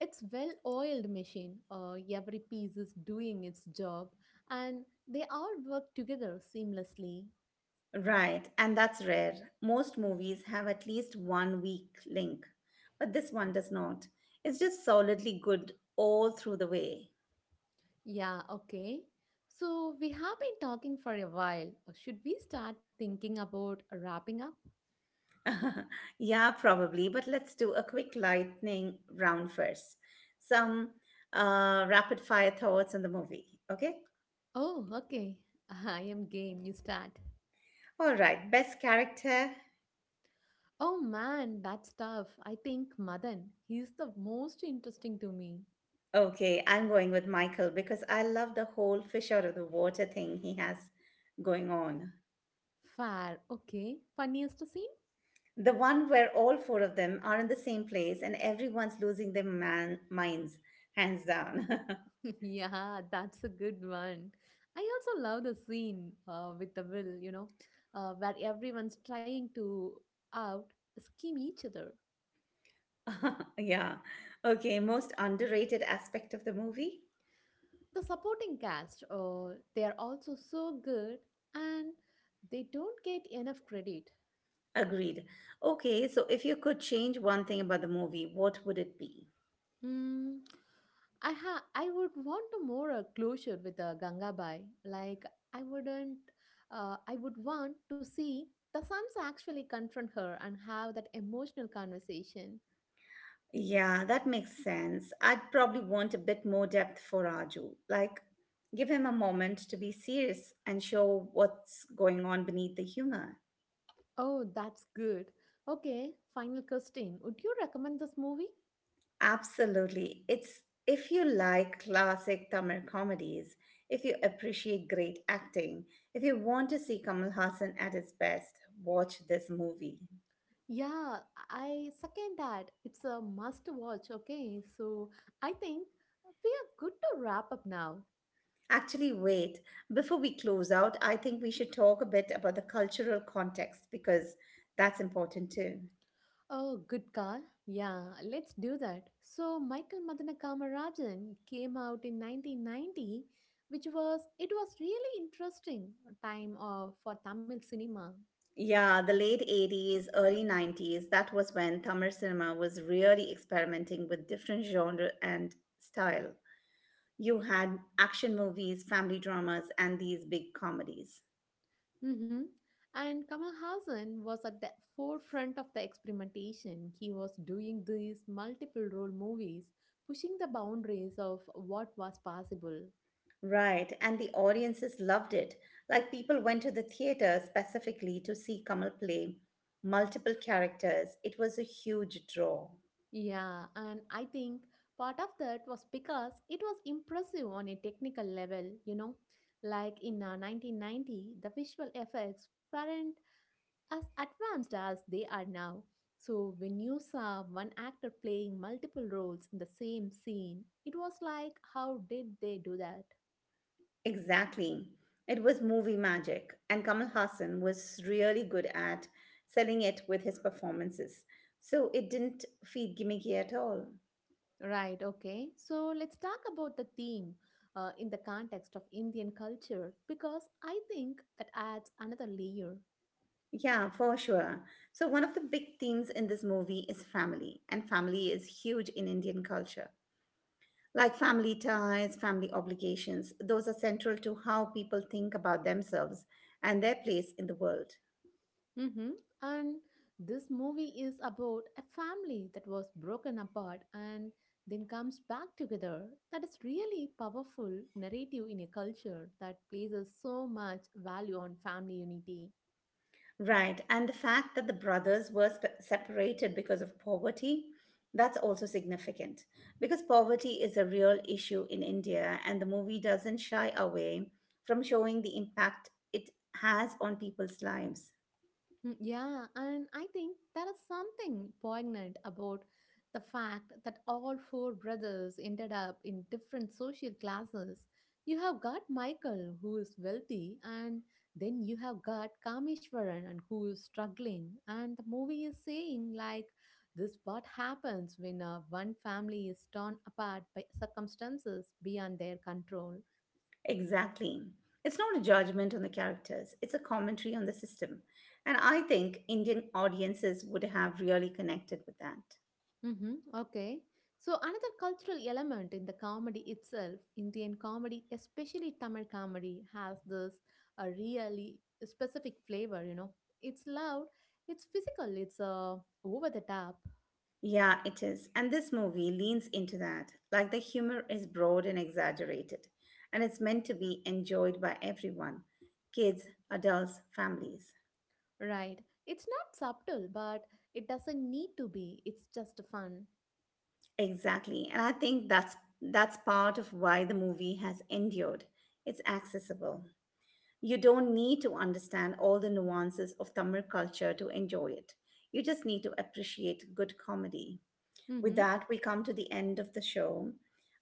S2: It's well-oiled machine. Every piece is doing its job, and they all work together seamlessly.
S1: Right, and that's rare. Most movies have at least one weak link, but this one does not. It's just solidly good all through the way.
S2: Yeah. Okay. So we have been talking for a while. Should we start thinking about wrapping up?
S1: Yeah, probably, but let's do a quick lightning round first. Some rapid fire thoughts on the movie, okay?
S2: Oh, okay. I am game. You start.
S1: All right, best character.
S2: Oh man, that's tough. I think Madan, he's the most interesting to me.
S1: Okay, I'm going with Michael because I love the whole fish out of the water thing he has going on.
S2: Fair, okay. Funniest scene?
S1: The one where all four of them are in the same place and everyone's losing their man minds, hands down.
S2: Yeah, that's a good one. I also love the scene with the will, you know, where everyone's trying to out scheme each other.
S1: Yeah. Okay, most underrated aspect of the movie?
S2: The supporting cast, they are also so good and they don't get enough credit.
S1: Agreed. Okay, so if you could change one thing about the movie, what would it be?
S2: Mm, I would want to more a closure with a Gangabai. Like I wouldn't I would want to see the sons actually confront her and have that emotional conversation.
S1: Yeah, that makes sense. I'd probably want a bit more depth for Raju. Like, give him a moment to be serious and show what's going on beneath the humor.
S2: Oh, that's good. Okay, final Christine, would you recommend this movie?
S1: Absolutely. It's if you like classic Tamil comedies, if you appreciate great acting, if you want to see Kamal Hassan at his best, watch this movie.
S2: Yeah, I second that. It's a must watch, okay? So I think we are good to wrap up now.
S1: Actually, wait, before we close out, I think we should talk a bit about the cultural context because that's important too.
S2: Oh, good call. Yeah, let's do that. So, Michael Madanakamararajan came out in 1990, which was it was really interesting time of, for Tamil cinema.
S1: Yeah, the late 80s, early 90s, that was when Tamil cinema was really experimenting with different genre and style. You had action movies, family dramas, and these big comedies.
S2: Hmm And Kamal Hassan was at the forefront of the experimentation. He was doing these multiple role movies, pushing the boundaries of what was possible.
S1: Right, and the audiences loved it. Like people went to the theater specifically to see Kamal play multiple characters. It was a huge draw.
S2: Yeah, and I think part of that was because it was impressive on a technical level, you know. Like in 1990, the visual effects weren't as advanced as they are now. So when you saw one actor playing multiple roles in the same scene, it was like, how did they do that?
S1: Exactly. It was movie magic, and Kamal Hassan was really good at selling it with his performances. So it didn't feel gimmicky at all.
S2: Right, okay. So let's talk about the theme in the context of Indian culture because I think that adds another layer.
S1: Yeah, for sure. So, one of the big themes in this movie is family, and family is huge in Indian culture. Like family ties, family obligations, those are central to how people think about themselves and their place in the world.
S2: Mm-hmm. And this movie is about a family that was broken apart and then comes back together. That is really powerful narrative in a culture that places so much value on family unity.
S1: Right, and the fact that the brothers were separated because of poverty, that's also significant because poverty is a real issue in India, and the movie doesn't shy away from showing the impact it has on people's lives.
S2: Mm, yeah, and I think there is something poignant about the fact that all four brothers ended up in different social classes. You have got Michael, who is wealthy, and then you have got Kameshwaran, and who is struggling. And the movie is saying, like, this what happens when one family is torn apart by circumstances beyond their control.
S1: Exactly. It's not a judgment on the characters, it's a commentary on the system. And I think Indian audiences would have really connected with that.
S2: Mm-hmm. Okay. So another cultural element in the comedy itself, Indian comedy, especially Tamil comedy, has this a really specific flavor. You know, it's loud, it's physical, it's over the top,
S1: Yeah, it is. And this movie leans into that. Like the humor is broad and exaggerated, and it's meant to be enjoyed by everyone: kids, adults, families.
S2: right? It's not subtle, but it doesn't need to be. It's just fun.
S1: Exactly. And I think that's part of why the movie has endured. It's accessible. You don't need to understand all the nuances of Tamil culture to enjoy it. You just need to appreciate good comedy. With
S2: Mm-hmm.
S1: that, we come to the end of the show.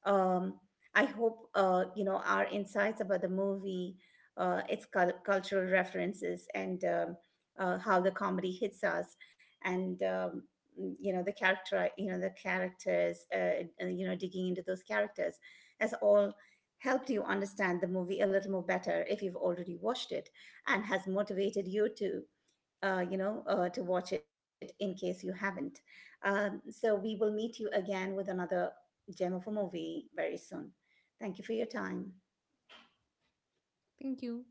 S1: Um, I hope you know our insights about the movie, its cultural references, and how the comedy hits us, and you know the characters, you know, digging into those characters, has all helped you understand the movie a little more better if you've already watched it, and has motivated you to to watch it in case you haven't. So we will meet you again with another gem of a movie very soon. Thank you for your time.
S2: Thank you.